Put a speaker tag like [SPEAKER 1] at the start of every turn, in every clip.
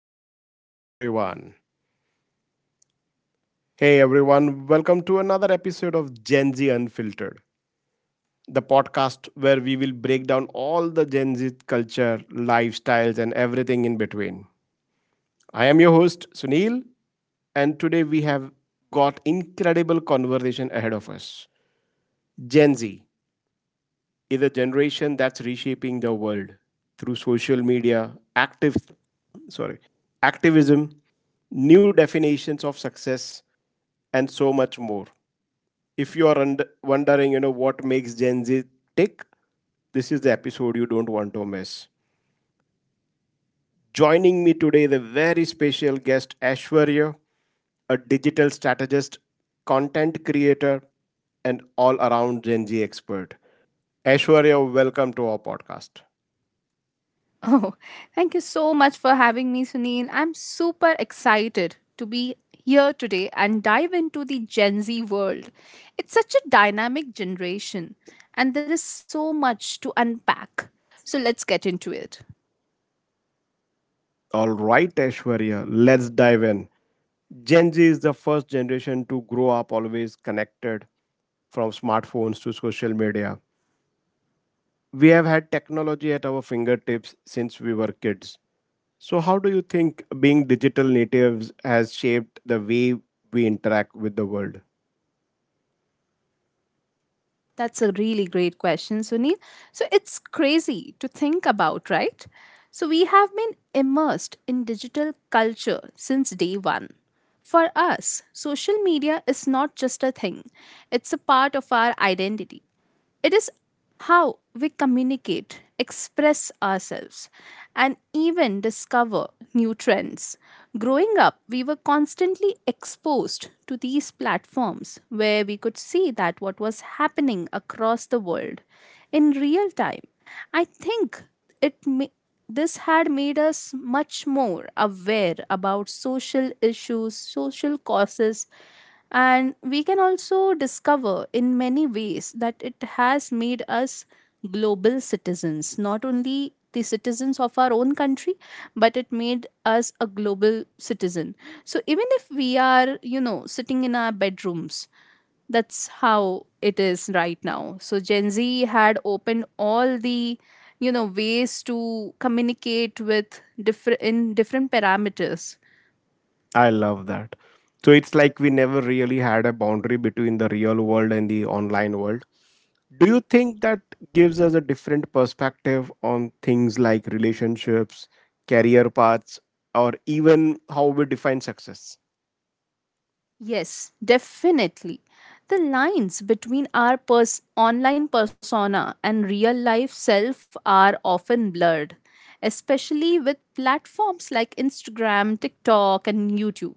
[SPEAKER 1] and hello everyone. Hey everyone, welcome to another episode of Gen Z Unfiltered, the podcast where we will break down all the Gen Z culture, lifestyles, and everything in between. I am your host Sunil, and today we have got incredible conversation ahead of us. Gen Z is a generation that's reshaping the world through social media, sorry, activism, new definitions of success, and so much more. If you are wondering, what makes Gen Z tick, this is the episode you don't want to miss. Joining me today is a very special guest, Ashwarya, a digital strategist, content creator, and all around Gen Z expert. Ashwarya, welcome to our podcast.
[SPEAKER 2] Oh, thank you so much for having me, Sunil. I'm super excited to be here today and dive into the Gen Z world. It's such a dynamic generation, and there is so much to unpack. So let's get into it.
[SPEAKER 1] All right, Ashwarya, let's dive in. Gen Z is the first generation to grow up always connected from smartphones to social media. We have had technology at our fingertips since we were kids. So, how do you think being digital natives has shaped the way we interact with the world?
[SPEAKER 2] That's a really great question, Sunil. So it's crazy to think about, right? So we have been immersed in digital culture since day one. For us, social media is not just a thing, it's a part of our identity. It is how we communicate, express ourselves, and even discover new trends. Growing up, we were constantly exposed to these platforms where we could see that what was happening across the world in real time. I think it ma- this had made us much more aware about social issues, social causes, and we can also discover in many ways that it has made us global citizens, not only the citizens of our own country, but it made us a global citizen. So even if we are, sitting in our bedrooms, that's how it is right now. So Gen Z had opened all the ways to communicate with different in different parameters.
[SPEAKER 1] I love that. So, it's like we never really had a boundary between the real world and the online world. Do you think that gives us a different perspective on things like relationships, career paths, or even how we define success?
[SPEAKER 2] Yes, definitely. The lines between our online persona and real life self are often blurred, especially with platforms like Instagram, TikTok, and YouTube.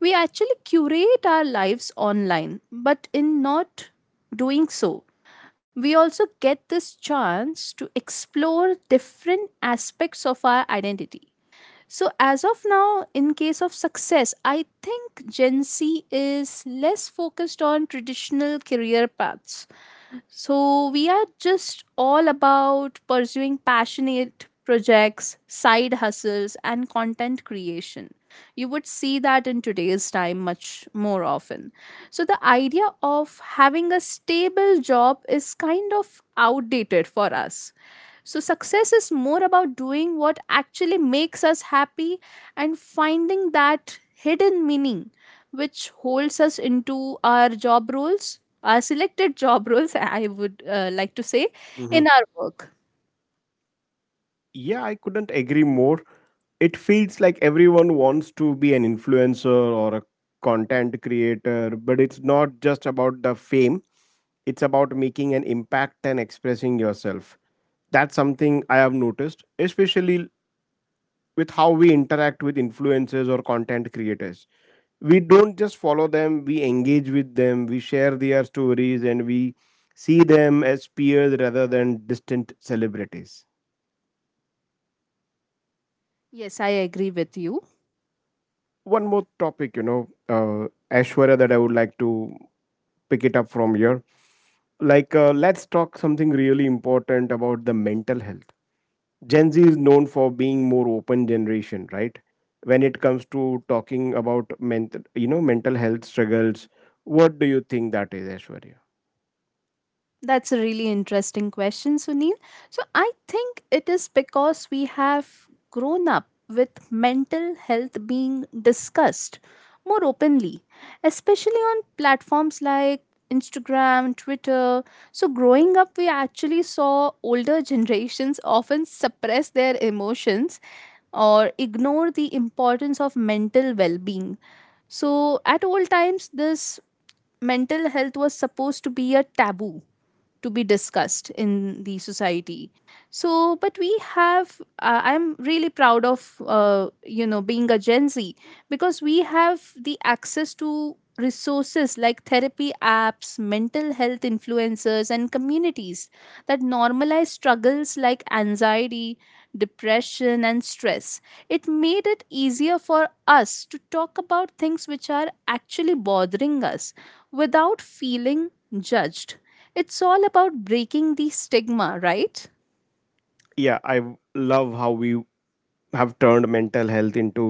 [SPEAKER 2] We actually curate our lives online, but in not doing so, we also get this chance to explore different aspects of our identity. So, as of now, in case of success, I think Gen Z is less focused on traditional career paths. So we are just all about pursuing passionate projects, side hustles, and content creation. You would see that in today's time much more often. So the idea of having a stable job is kind of outdated for us. So, success is more about doing what actually makes us happy and finding that hidden meaning which holds us into our job roles. Our selected job roles, I would like to say, in our work.
[SPEAKER 1] Yeah, I couldn't agree more. It feels like everyone wants to be an influencer or a content creator, but it's not just about the fame, it's about making an impact and expressing yourself. That's something I have noticed, especially with how we interact with influencers or content creators. We don't just follow them, we engage with them, we share their stories, and we see them as peers rather than distant celebrities.
[SPEAKER 2] Yes, I agree with you.
[SPEAKER 1] One more topic, ashwara, that I would like to pick it up from here. Like, let's talk something really important about the mental health. Gen Z is known for being more open generation, right, when it comes to talking about mental, mental health struggles. What do you think that is, ashwarya?
[SPEAKER 2] That's a really interesting question, Sunil. So, I think it is because we have grown up with mental health being discussed more openly, especially on platforms like Instagram, Twitter. So, growing up, we actually saw older generations often suppress their emotions or ignore the importance of mental well being. So, at all times, this mental health was supposed to be a taboo to be discussed in the society. So but we have I'm really proud of being a Gen Z, because we have the access to resources like therapy apps, mental health influencers, and communities that normalize struggles like anxiety, depression, and stress. It made it easier for us to talk about things which are actually bothering us without feeling judged. It's all about breaking the stigma, right?
[SPEAKER 1] Yeah, I love how we have turned mental health into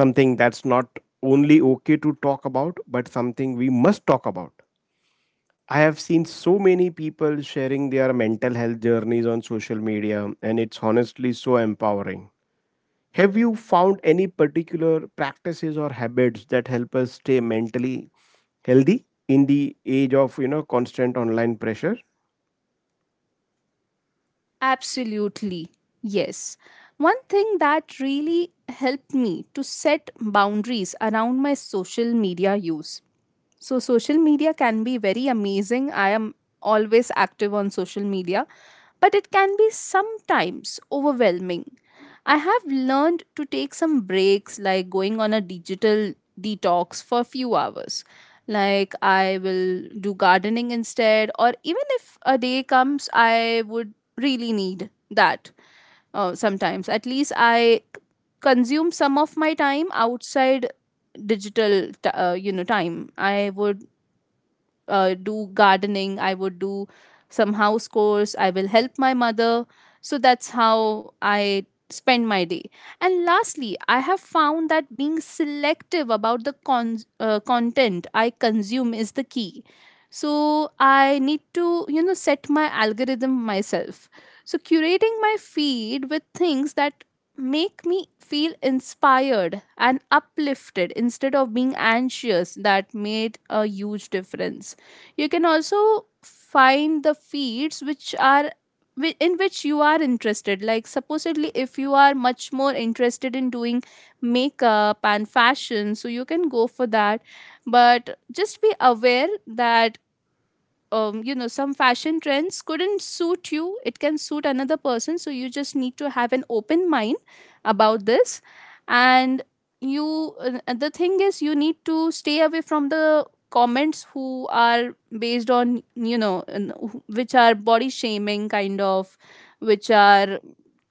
[SPEAKER 1] something that's not only okay to talk about but something we must talk about. I have seen so many people sharing their mental health journeys on social media, and it's honestly so empowering. Have you found any particular practices or habits that help us stay mentally healthy in the age of constant online pressure?
[SPEAKER 2] Absolutely, yes. One thing that really helped me to set boundaries around my social media use. So, social media can be very amazing. I am always active on social media, but it can be sometimes overwhelming. I have learned to take some breaks, like going on a digital detox for a few hours. Like, I will do gardening instead, or even if a day comes, I would really need that sometimes. At least I consume some of my time outside time I would do gardening, I would do some house chores, I will help my mother. So that's how I spend my day. And lastly, I have found that being selective about the content I consume is the key. So I need to, you know, set my algorithm myself. So curating my feed with things that make me feel inspired and uplifted instead of being anxious, that made a huge difference. You can also find the feeds which are in which you are interested, like supposedly if you are much more interested in doing makeup and fashion, so you can go for that. But just be aware that you know, some fashion trends couldn't suit you, it can suit another person, so you just need to have an open mind about this. And you and the thing is, you need to stay away from the comments who are based on, you know, which are body shaming kind of, which are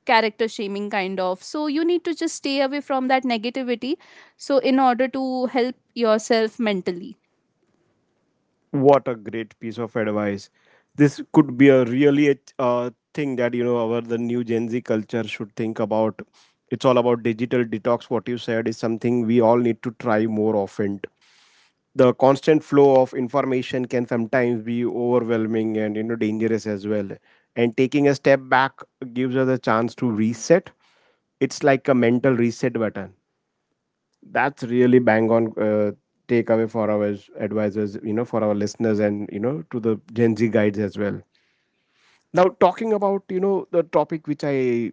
[SPEAKER 2] character shaming kind of. So you need to just stay away from that negativity, so in order to help yourself mentally.
[SPEAKER 1] What a great piece of advice! This could be a really a thing that our the new Gen Z culture should think about. It's all about digital detox. What you said is something we all need to try more often. The constant flow of information can sometimes be overwhelming and, dangerous as well, and taking a step back gives us a chance to reset. It's like a mental reset button. That's really bang on takeaway for our advisors, for our listeners and, to the Gen Z guides as well. Now talking about, the topic which I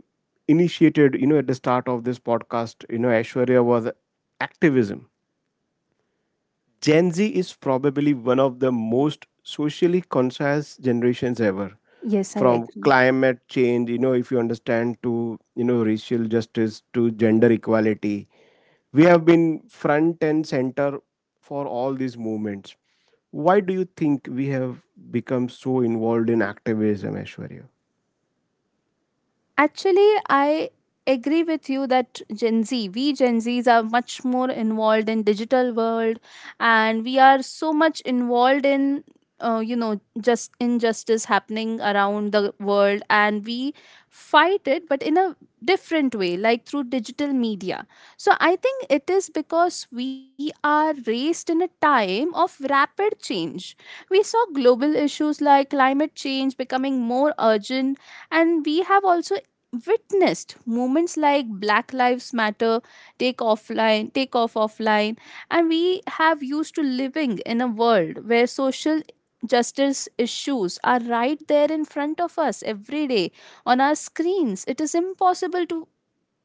[SPEAKER 1] initiated, at the start of this podcast, ashwarya, was activism. Gen Z is probably one of the most socially conscious generations ever.
[SPEAKER 2] Yes, I
[SPEAKER 1] From
[SPEAKER 2] agree.
[SPEAKER 1] climate change, if you understand, to, racial justice, to gender equality, we have been front and center for all these movements. Why do you think we have become so involved in activism, Ashwarya?
[SPEAKER 2] Actually, I agree with you that Gen Z, we Gen Zs are much more involved in digital world, and we are so much involved in you know, just injustice happening around the world, and we fight it, but in a different way, like through digital media. So I think it is because we are raised in a time of rapid change. We saw global issues like climate change becoming more urgent, and we have also witnessed moments like Black Lives Matter take off offline. And we have used to living in a world where social justice issues are right there in front of us every day. On our screens, it is impossible to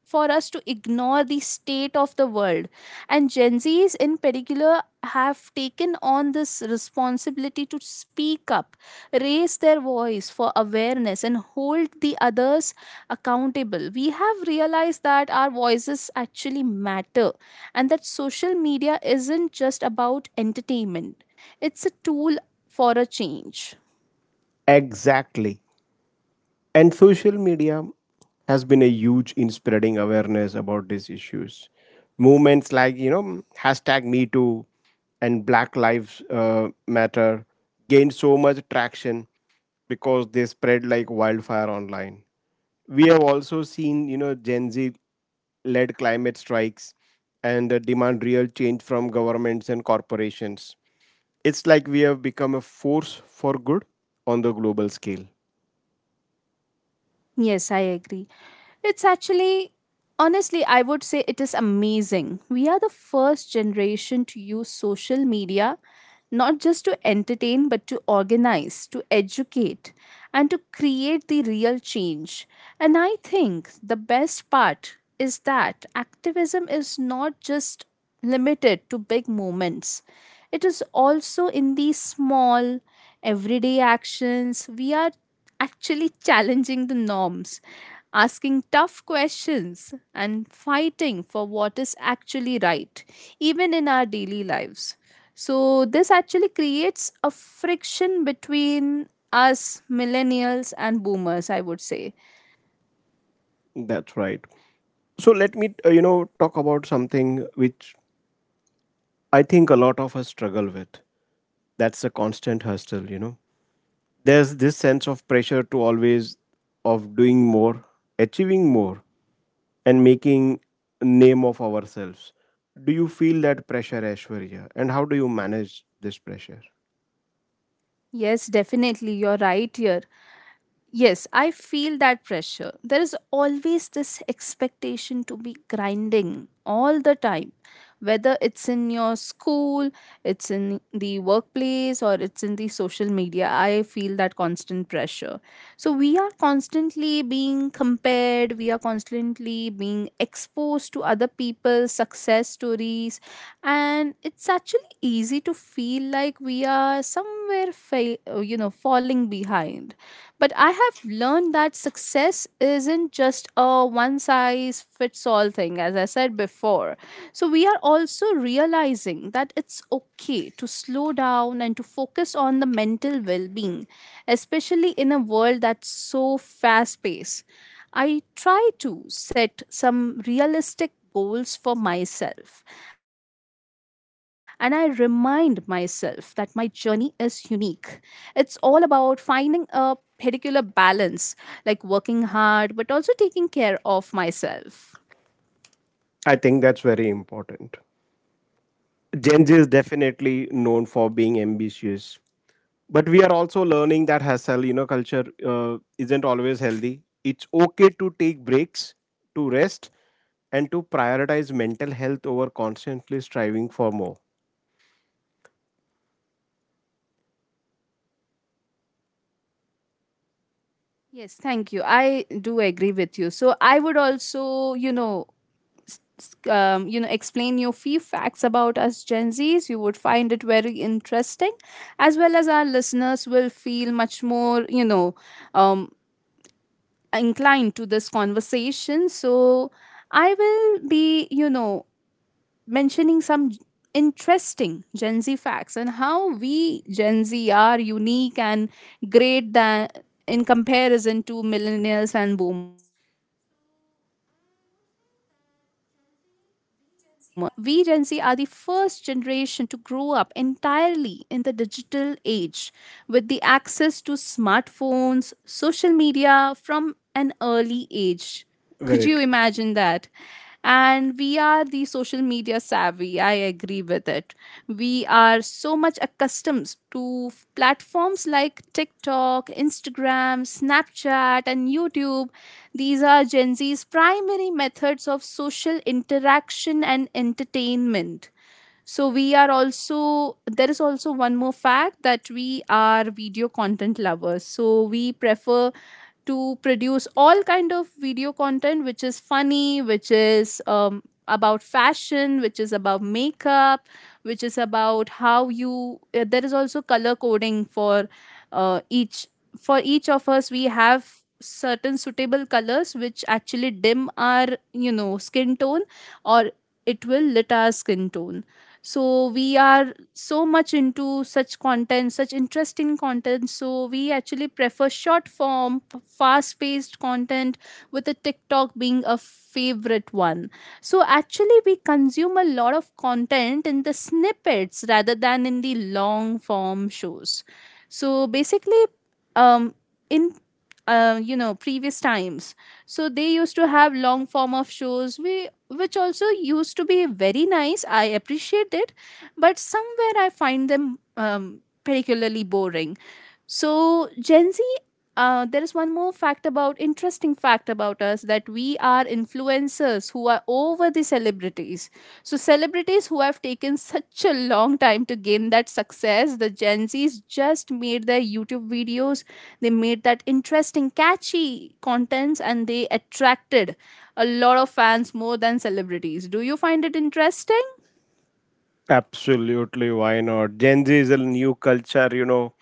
[SPEAKER 2] for us to ignore the state of the world. And Gen Zs in particular have taken on this responsibility to speak up, raise their voice for awareness, and hold the others accountable. We have realized that our voices actually matter, and that social media isn't just about entertainment, it's a tool for a change.
[SPEAKER 1] Exactly. And social media has been a huge in spreading awareness about these issues. Movements like, hashtag Me Too and Black Lives Matter gained so much traction because they spread like wildfire online. We have also seen, Gen Z led climate strikes and demand real change from governments and corporations. It's like we have become a force for good on the global scale.
[SPEAKER 2] Yes, I agree. It's actually, honestly, I would say it is amazing. We are the first generation to use social media not just to entertain, but to organize, to educate, and to create the real change. And I think the best part is that activism is not just limited to big moments, it is also in these small, everyday actions. We are actually challenging the norms, asking tough questions, and fighting for what is actually right, even in our daily lives. So, this actually creates a friction between us millennials and boomers, I would say.
[SPEAKER 1] That's right. So let me, talk about something which I think a lot of us struggle with. That's the constant hustle, There's this sense of pressure to always of doing more, achieving more and making name of ourselves. Do you feel that pressure, Ashwarya? And how do you manage this pressure?
[SPEAKER 2] Yes, definitely, you're right here. Yes, I feel that pressure. There is always this expectation to be grinding all the time, whether it's in your school, it's in the workplace, or it's in the social media. I feel that constant pressure. So we are constantly being compared, we are constantly being exposed to other people's success stories, and it's actually easy to feel like we are somewhere you know, falling behind. But I have learned that success isn't just a one size fits all thing, as I said before. So we are also realizing that it's okay to slow down and to focus on the mental well-being, especially in a world that's so fast paced. I try to set some realistic goals for myself, and I remind myself that my journey is unique. It's all about finding a particular balance, like working hard, but also taking care of myself.
[SPEAKER 1] I think that's very important. Gen Z is definitely known for being ambitious, but we are also learning that hustle, culture isn't always healthy. It's okay to take breaks, to rest, and to prioritize mental health over constantly striving for more.
[SPEAKER 2] Yes, thank you. I do agree with you. So I would also, you know, explain you few facts about us Gen Zs. You would find it very interesting, as well as our listeners will feel much more, um, inclined to this conversation. So I will be, you know, mentioning interesting Gen Z facts and how we Gen Z are unique and great than in comparison to millennials and boomers. So I would say that Gen Z, we Gen Z are the first generation to grow up entirely in the digital age with the access to smartphones, social media from an early age. Could
[SPEAKER 1] Very
[SPEAKER 2] you
[SPEAKER 1] true.
[SPEAKER 2] imagine that? And we are the social media savvy. I agree with it. We are so much accustomed to platforms like TikTok, Instagram, Snapchat, and YouTube. These are Gen Z's primary methods of social interaction and entertainment. So we are also, there is also one more fact that we are video content lovers. So we prefer to produce all kind of video content which is funny, which is about fashion, which is about makeup, which is about how you there is also color coding for each, for each of us, we have certain suitable colors which actually dim our, you know, skin tone, or it will lit our skin tone. So we are so much into such content, such interesting content. So we actually prefer short form, fast paced content, with the TikTok being a favorite one. So actually we consume a lot of content in the snippets rather than in the long form shows. So basically, um in you know, previous times, so they used to have long form of shows, we which also used to be very nice, I appreciate it, but somewhere I find them particularly boring. So Gen Z, there is one more fact, about interesting fact about us, that we are influencers who are over the celebrities. So celebrities who have taken such a long time to gain that success, the Gen Zs just made their YouTube videos. They made that interesting, catchy contents, and they attracted a lot of fans more than celebrities. Do you find it interesting?
[SPEAKER 1] Absolutely, why not? Gen Z is a new culture,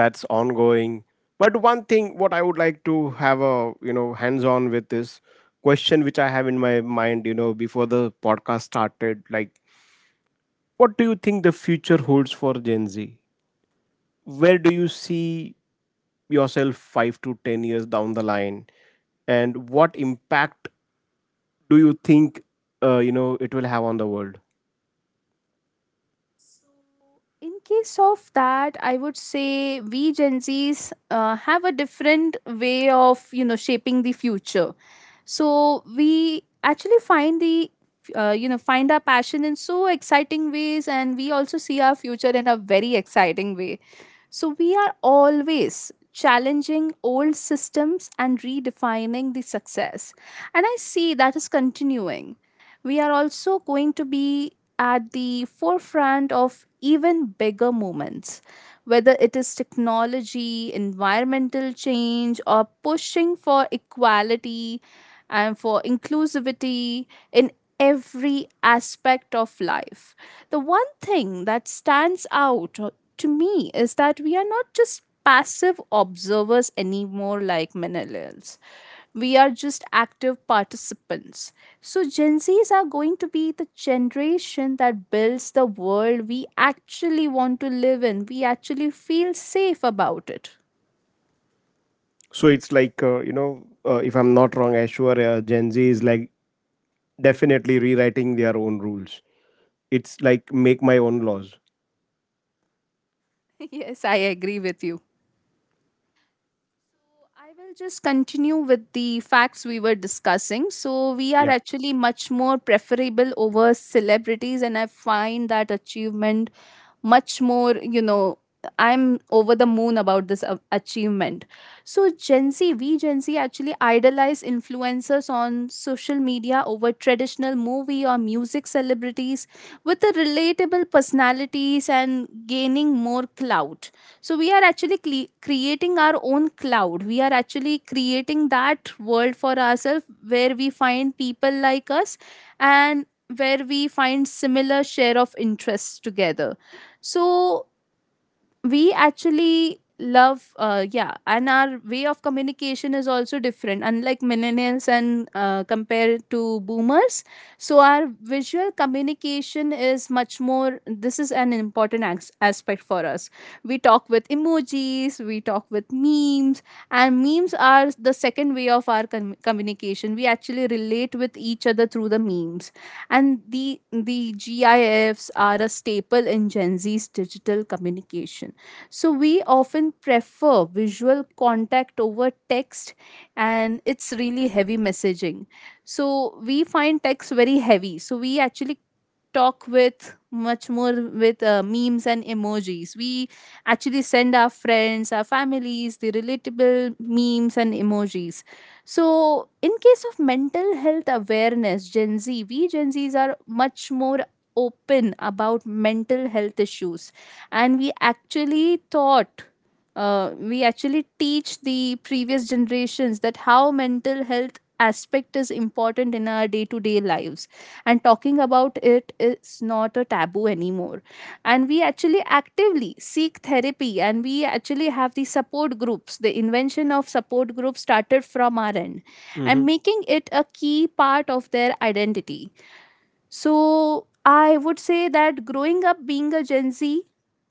[SPEAKER 1] that's ongoing. But one thing what I would like to have a, hands on with is question which I have in my mind, before the podcast started. Like, what do you think the future holds for Gen Z? Where do you see yourself 5 to 10 years down the line, and what impact do you think, it will have on the world?
[SPEAKER 2] In case of that, I would say we Gen Z's have a different way of shaping the future. So we actually find the find our passion in so exciting ways, and we also see our future in a very exciting way. So we are always challenging old systems and redefining the success. And I see that is continuing. We are also going to be at the forefront of even bigger movements, whether it is technology, environmental change, or pushing for equality and for inclusivity in every aspect of life. The one thing that stands out to me is that we are not just passive observers anymore like millennials. We are just active participants. So, Gen Zs are going to be the generation that builds the world we actually want to live in. We actually feel safe about it.
[SPEAKER 1] So it's like, if I'm not wrong, Ashwar, Gen Z is like definitely rewriting their own rules. It's like make my own laws.
[SPEAKER 2] Yes, I agree with you. So I will just continue with the facts we were discussing. So we are
[SPEAKER 1] Yeah.
[SPEAKER 2] actually much more preferable over celebrities, and I find that achievement much more, you know, I'm over the moon about this achievement. So Gen Z, we Gen Z actually idolize influencers on social media over traditional movie or music celebrities with the relatable personalities and gaining more clout. So we are actually creating our own cloud. We are actually creating that world for ourselves where we find people like us and where we find similar share of interests together. So we actually love, yeah. And our way of communication is also different, unlike millennials and compared to boomers. So our visual communication is much more, this is an important aspect for us. We talk with emojis, we talk with memes. And memes are the second way of our communication. We actually relate with each other through the memes. And the GIFs are a staple in Gen Z's digital communication. So we often prefer visual contact over text, and it's really heavy messaging. So we find text very heavy. So we actually talk with much more with memes and emojis. We actually send our friends, our families, the relatable memes and emojis. So, in case of mental health awareness, Gen Z, we Gen Zs are much more open about mental health issues. And we actually thought, we actually teach the previous generations that how mental health aspect is important in our day to day lives. And talking about it is not a taboo anymore. And we actually actively seek therapy, and we actually have the support groups. The invention of support groups started from our end
[SPEAKER 1] Mm-hmm.
[SPEAKER 2] and making it a key part of their identity. So I would say that growing up being a Gen Z,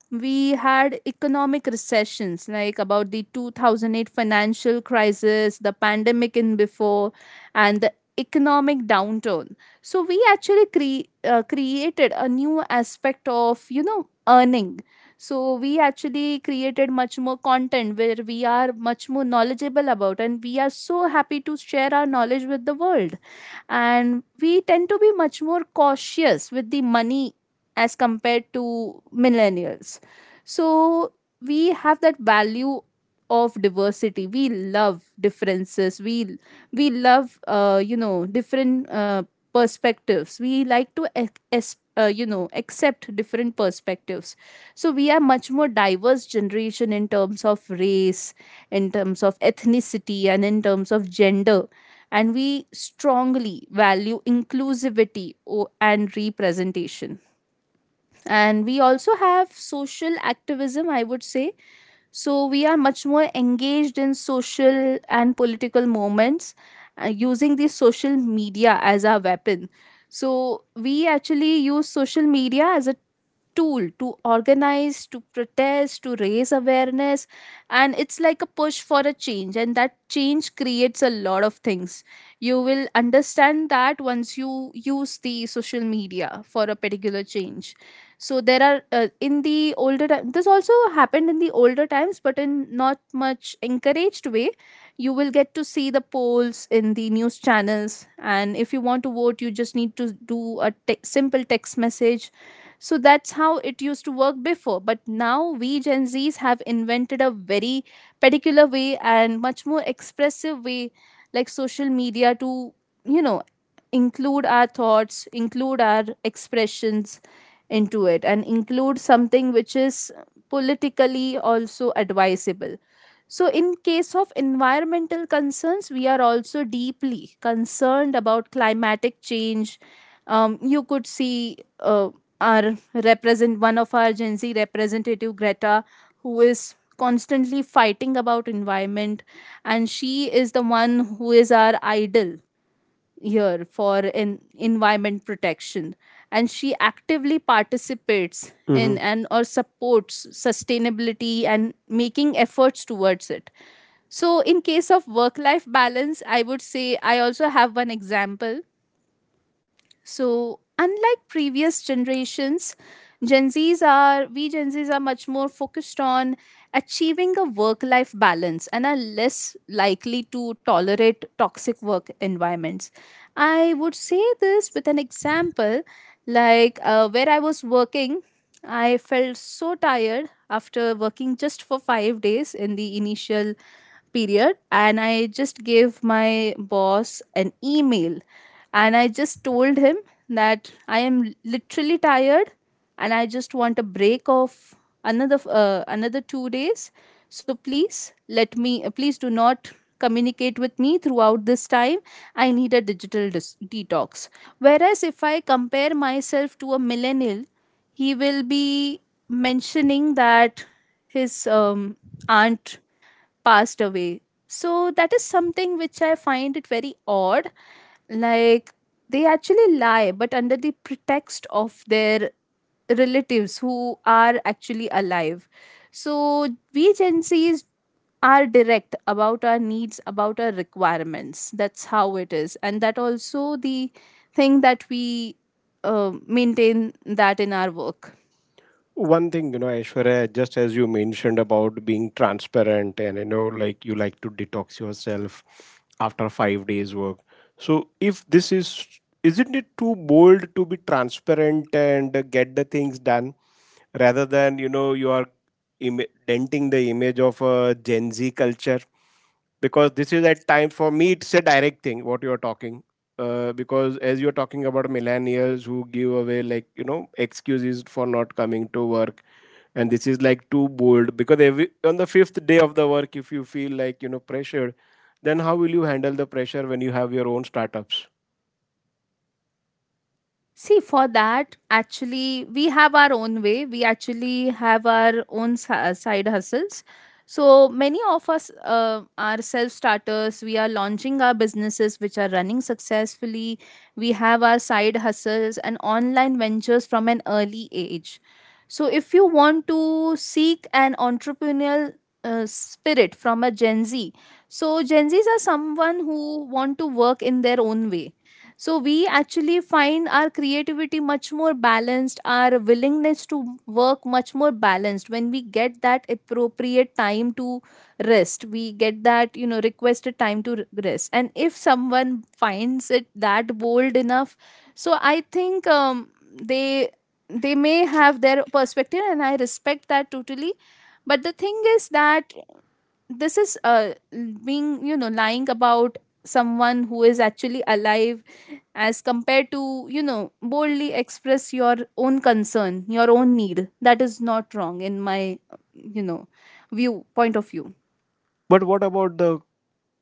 [SPEAKER 2] we had economic recessions like about the 2008 financial crisis, the pandemic in before, and the economic downturn. So we actually created a new aspect of earning. So we actually created much more content where we are much more knowledgeable about, and we are so happy to share our knowledge with the world. And we tend to be much more cautious with the money as compared to millennials. So we have that value of diversity. We love differences. We love, different, perspectives. We like to accept different perspectives. So we are much more diverse generation in terms of race, in terms of ethnicity, and in terms of gender. And we strongly value inclusivity and representation. And we also have social activism, I would say. So we are much more engaged in social and political moments using the social media as our weapon. So we actually use social media as a tool to organize, to protest, to raise awareness. And it's like a push for a change. And that change creates a lot of things. You will understand that once you use the social media for a particular change. So there are, in the older time, this also happened in the older times, but in not much encouraged way. You will get to see the polls in the news channels. And if you want to vote, you just need to do a simple text message. So that's how it used to work before. But now we Gen Zs have invented a very particular way and much more expressive way, like social media, to, you know, include our thoughts, include our expressions into it, and include something which is politically also advisable. So, in case of environmental concerns, we are also deeply concerned about climatic change. You could see, our represent, one of our Gen Z representative Greta, who is constantly fighting about environment, and she is the one who is our idol here for in environment protection, and she actively participates in and or supports sustainability and making efforts towards it. So in case of work life balance, I would say, I also have one example. So, unlike previous generations, Gen Zs are we Gen Zs are much more focused on achieving a work-life balance and are less likely to tolerate toxic work environments. I would say this with an example, like where I was working, I felt so tired after working just for 5 days in the initial period, and I just gave my boss an email and I just told him that I am literally tired and I just want a break of another 2 days. So please let me, please do not communicate with me throughout this time. I need a digital detox. Whereas if I compare myself to a millennial, he will be mentioning that his aunt passed away. So that is something which I find it very odd. Like, they actually lie, but under the pretext of their relatives who are actually alive. So we Gen Zs are direct about our needs, about our requirements. That's how it is. And that also the thing that we maintain that in our work.
[SPEAKER 1] One thing, aishwarya, just as you mentioned about being transparent and, like you like to detox yourself after 5 days work. So if this is isn't it too bold to be transparent and get the things done rather than, you are Im- denting the image of a Gen Z culture? Because this is at times for me it's a direct thing what you are talking, because as you're talking about millennials who give away like, excuses for not coming to work. And this is like too bold because every on the fifth day of the work if you feel like, pressured, then how will you handle the pressure when you have your own startups?
[SPEAKER 2] See, for that, actually, we have our own way. We actually have our own side hustles. So many of us are self starters. We are launching our businesses which are running successfully. We have our side hustles and online ventures from an early age. So if you want to seek an entrepreneurial spirit from a Gen Z, so Gen Zs are someone who want to work in their own way. So we actually find our creativity much more balanced, our willingness to work much more balanced, when we get that appropriate time to rest. We get that, you know, requested time to rest. And if someone finds it that bold enough, so I think, they they may have their perspective, and I respect that totally. But the thing is that this is, being, you know, lying about someone who is actually alive, as compared to, you know, boldly express your own concern, your own need, that is not wrong in my, you know view, point of view.
[SPEAKER 1] But what about the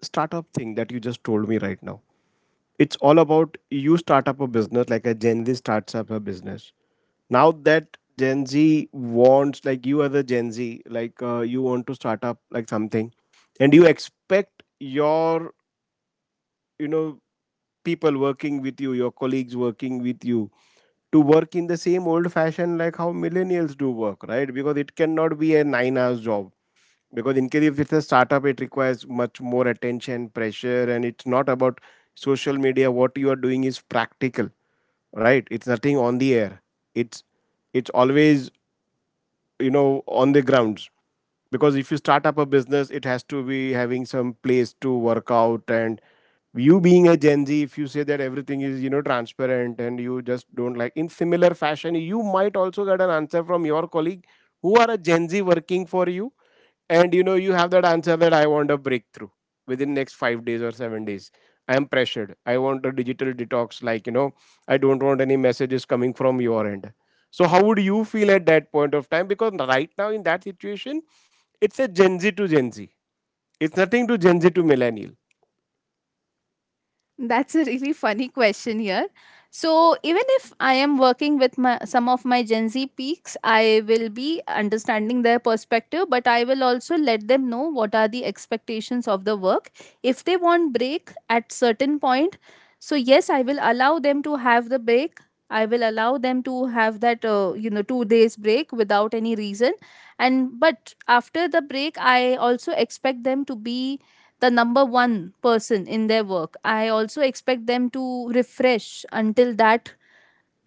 [SPEAKER 1] startup thing that you just told me right now? It's all about you start up a business, like a Gen Z starts up a business. Now that Gen Z wants, like you as a Gen Z, like, you want to start up like something, and you expect your, you know people working with you, your colleagues working with you, to work in the same old fashion like how millennials do work, right? Because it cannot be a 9 hours job, because in case if it's a startup, it requires much more attention pressure. And it's not about social media. What you are doing is practical, right? It's nothing on the air. It's it's always, on the grounds, because if you start up a business it has to be having some place to work out. And you being a Gen Z, if you say that everything is, transparent, and you just don't, like, in similar fashion you might also get an answer from your colleague who are a Gen Z working for you, and, you have that answer that I want a breakthrough within next 5 days or 7 days. I am pressured, I want a digital detox, like, I don't want any messages coming from your end. So how would you feel at that point of time? Because right now in that situation it's a Gen Z to Gen Z, it's nothing to Gen Z to millennial.
[SPEAKER 2] That's a really funny question here. So even if I am working with my, some of my Gen Z peaks, I will be understanding their perspective, but I will also let them know what are the expectations of the work. If they want break at certain point, so yes, I will allow them to have the break. I will allow them to have that, 2 days break without any reason, and but after the break, I also expect them to be the number one person in their work. I also expect them to refresh until that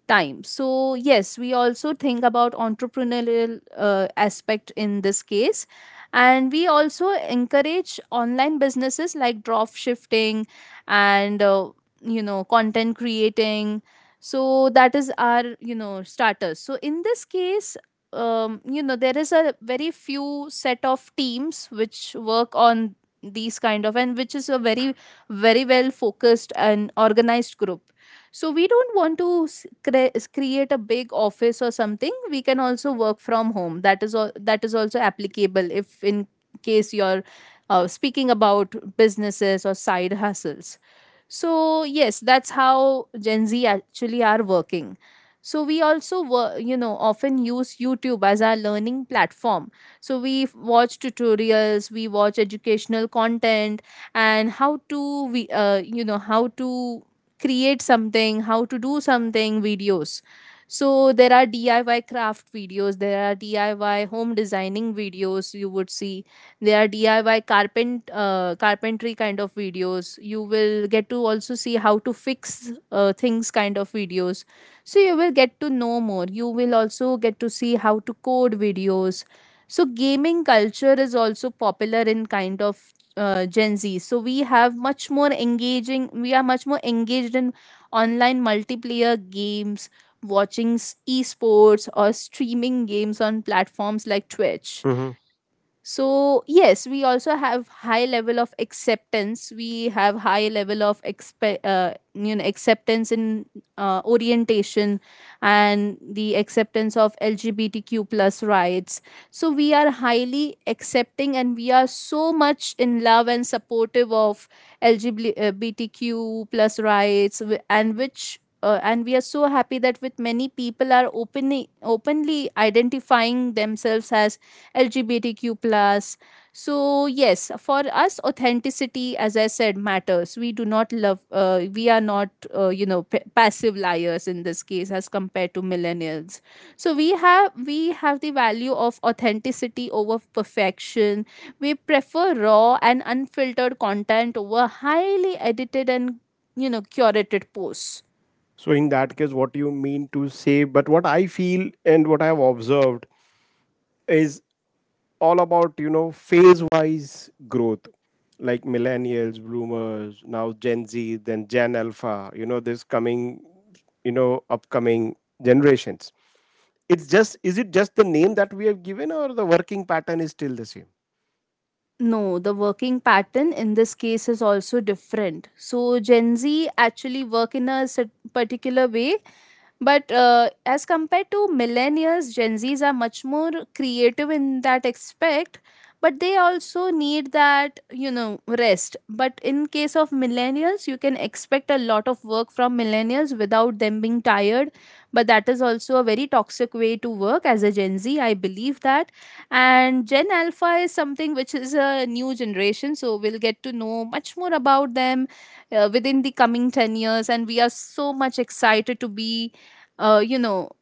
[SPEAKER 2] time. So yes, we also think about entrepreneurial aspect in this case. And we also encourage online businesses like drop shifting, and content creating. So that is our, you know, starters. So in this case, there is a very few set of teams which work on these kind of, and which is a very very well focused and organized group. So we don't want to create a big office or something. We can also work from home. That is all that is also applicable if in case you're, speaking about businesses or side hustles. So yes, that's how Gen Z actually are working. So we also often use YouTube as our learning platform. So we watch tutorials, we watch educational content, and how to we, how to create something, how to do something videos. So there are DIY craft videos, there are DIY home designing videos you would see. There are DIY carpentry kind of videos. You will get to also see how to fix, things kind of videos. So you will get to know more. You will also get to see how to code videos. So gaming culture is also popular in kind of, Gen Z. So we have much more engaging. We are much more engaged in online multiplayer games, watching esports or streaming games on platforms like Twitch.
[SPEAKER 1] Hmm.
[SPEAKER 2] So yes, we also have high level of acceptance. We have high level of acceptance in, orientation and the acceptance of LGBTQ plus rights. So we are highly accepting and we are so much in love and supportive of LGBTQ plus rights and we are so happy that with many people are openly openly identifying themselves as LGBTQ plus. So yes, for us, authenticity, as I said, matters. We do not love. We are not, passive liars in this case, as compared to millennials. So we have the value of authenticity over perfection. We prefer raw and unfiltered content over highly edited and, you know, curated posts.
[SPEAKER 1] So in that case, what do you mean to say? But what I feel and what I have observed is all about, phase wise growth. Like millennials, bloomers, now Gen Z, then Gen Alpha, this coming, upcoming generations. It's just, is it just the name that we have given, or the working pattern is still the same?
[SPEAKER 2] No, the working pattern in this case is also different. So Gen Z actually work in a particular way. But as compared to millennials, Gen Zs are much more creative in that aspect, but they also need that, you know, rest. But in case of millennials, you can expect a lot of work from millennials without them being tired. But that is also a very toxic way to work as a Gen Z. I believe that. And Gen Alpha is something which is a new generation, so we'll get to know much more about them within the coming 10 years. And we are so much excited to be, uh, you know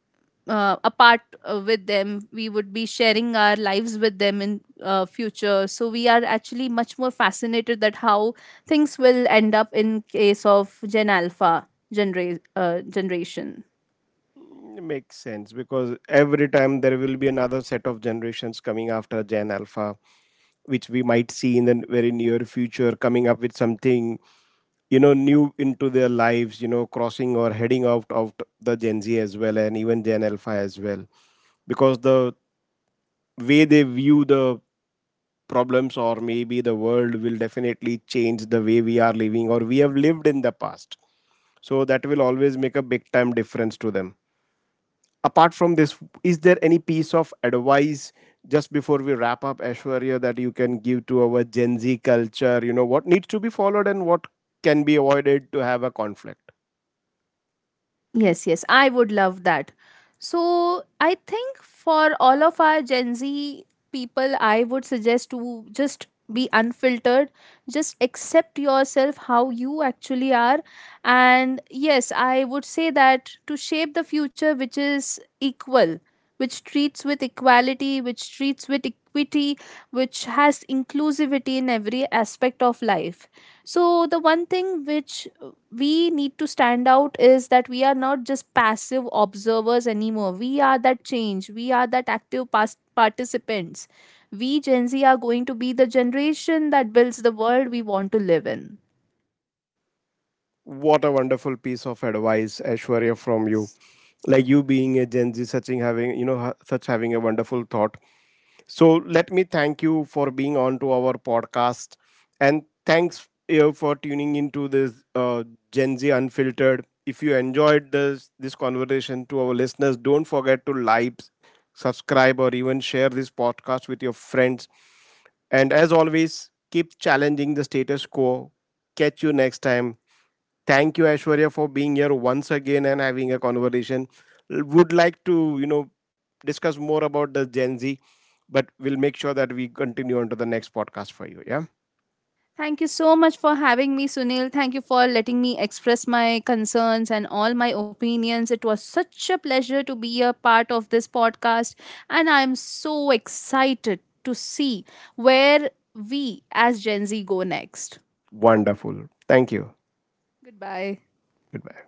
[SPEAKER 2] apart, with them. We would be sharing our lives with them in, future. So we are actually much more fascinated that how things will end up in case of Gen Alpha generation.
[SPEAKER 1] Mm, makes sense, because every time there will be another set of generations coming after Gen Alpha, which we might see in the very near future coming up with something, new into their lives, crossing or heading out of the Gen Z as well, and even Gen Alpha as well. Because the way they view the problems, or maybe the world, will definitely change the way we are living or we have lived in the past. So that will always make a big time difference to them. Apart from this, is there any piece of advice just before we wrap up, ashwarya, that you can give to our Gen Z culture, what needs to be followed and what can be avoided to have a conflict?
[SPEAKER 2] Yes, yes, I would love that. So, I think for all of our Gen Z people, I would suggest to just be unfiltered, just accept yourself how you actually are. And yes, I would say that to shape the future which is equal, which treats with equality, which treats with equity, which has inclusivity in every aspect of life. So, the one thing which we need to stand out is that we are not just passive observers anymore. We are that change. We are that active past participants. We Gen Z are going to be the generation that builds the world we want to live in.
[SPEAKER 1] What a wonderful piece of advice, Aishwarya, from you. Like you being a Gen Z, such in having, such having a wonderful thought. So let me thank you for being on to our podcast, and thanks you for tuning into this Gen Z Unfiltered. If you enjoyed this conversation, to our listeners, don't forget to like, subscribe, or even share this podcast with your friends. And as always, keep challenging the status quo. Catch you next time. Thank you, Aishwarya, for being here once again and having a conversation. Would like to, discuss more about the Gen Z, but we'll make sure that we continue on to the next podcast for you. Yeah.
[SPEAKER 2] Thank you so much for having me, Sunil. Thank you for letting me express my concerns and all my opinions. It was such a pleasure to be a part of this podcast, and I'm so excited to see where we as Gen Z go next.
[SPEAKER 1] Wonderful. Thank you.
[SPEAKER 2] Goodbye.
[SPEAKER 1] Goodbye.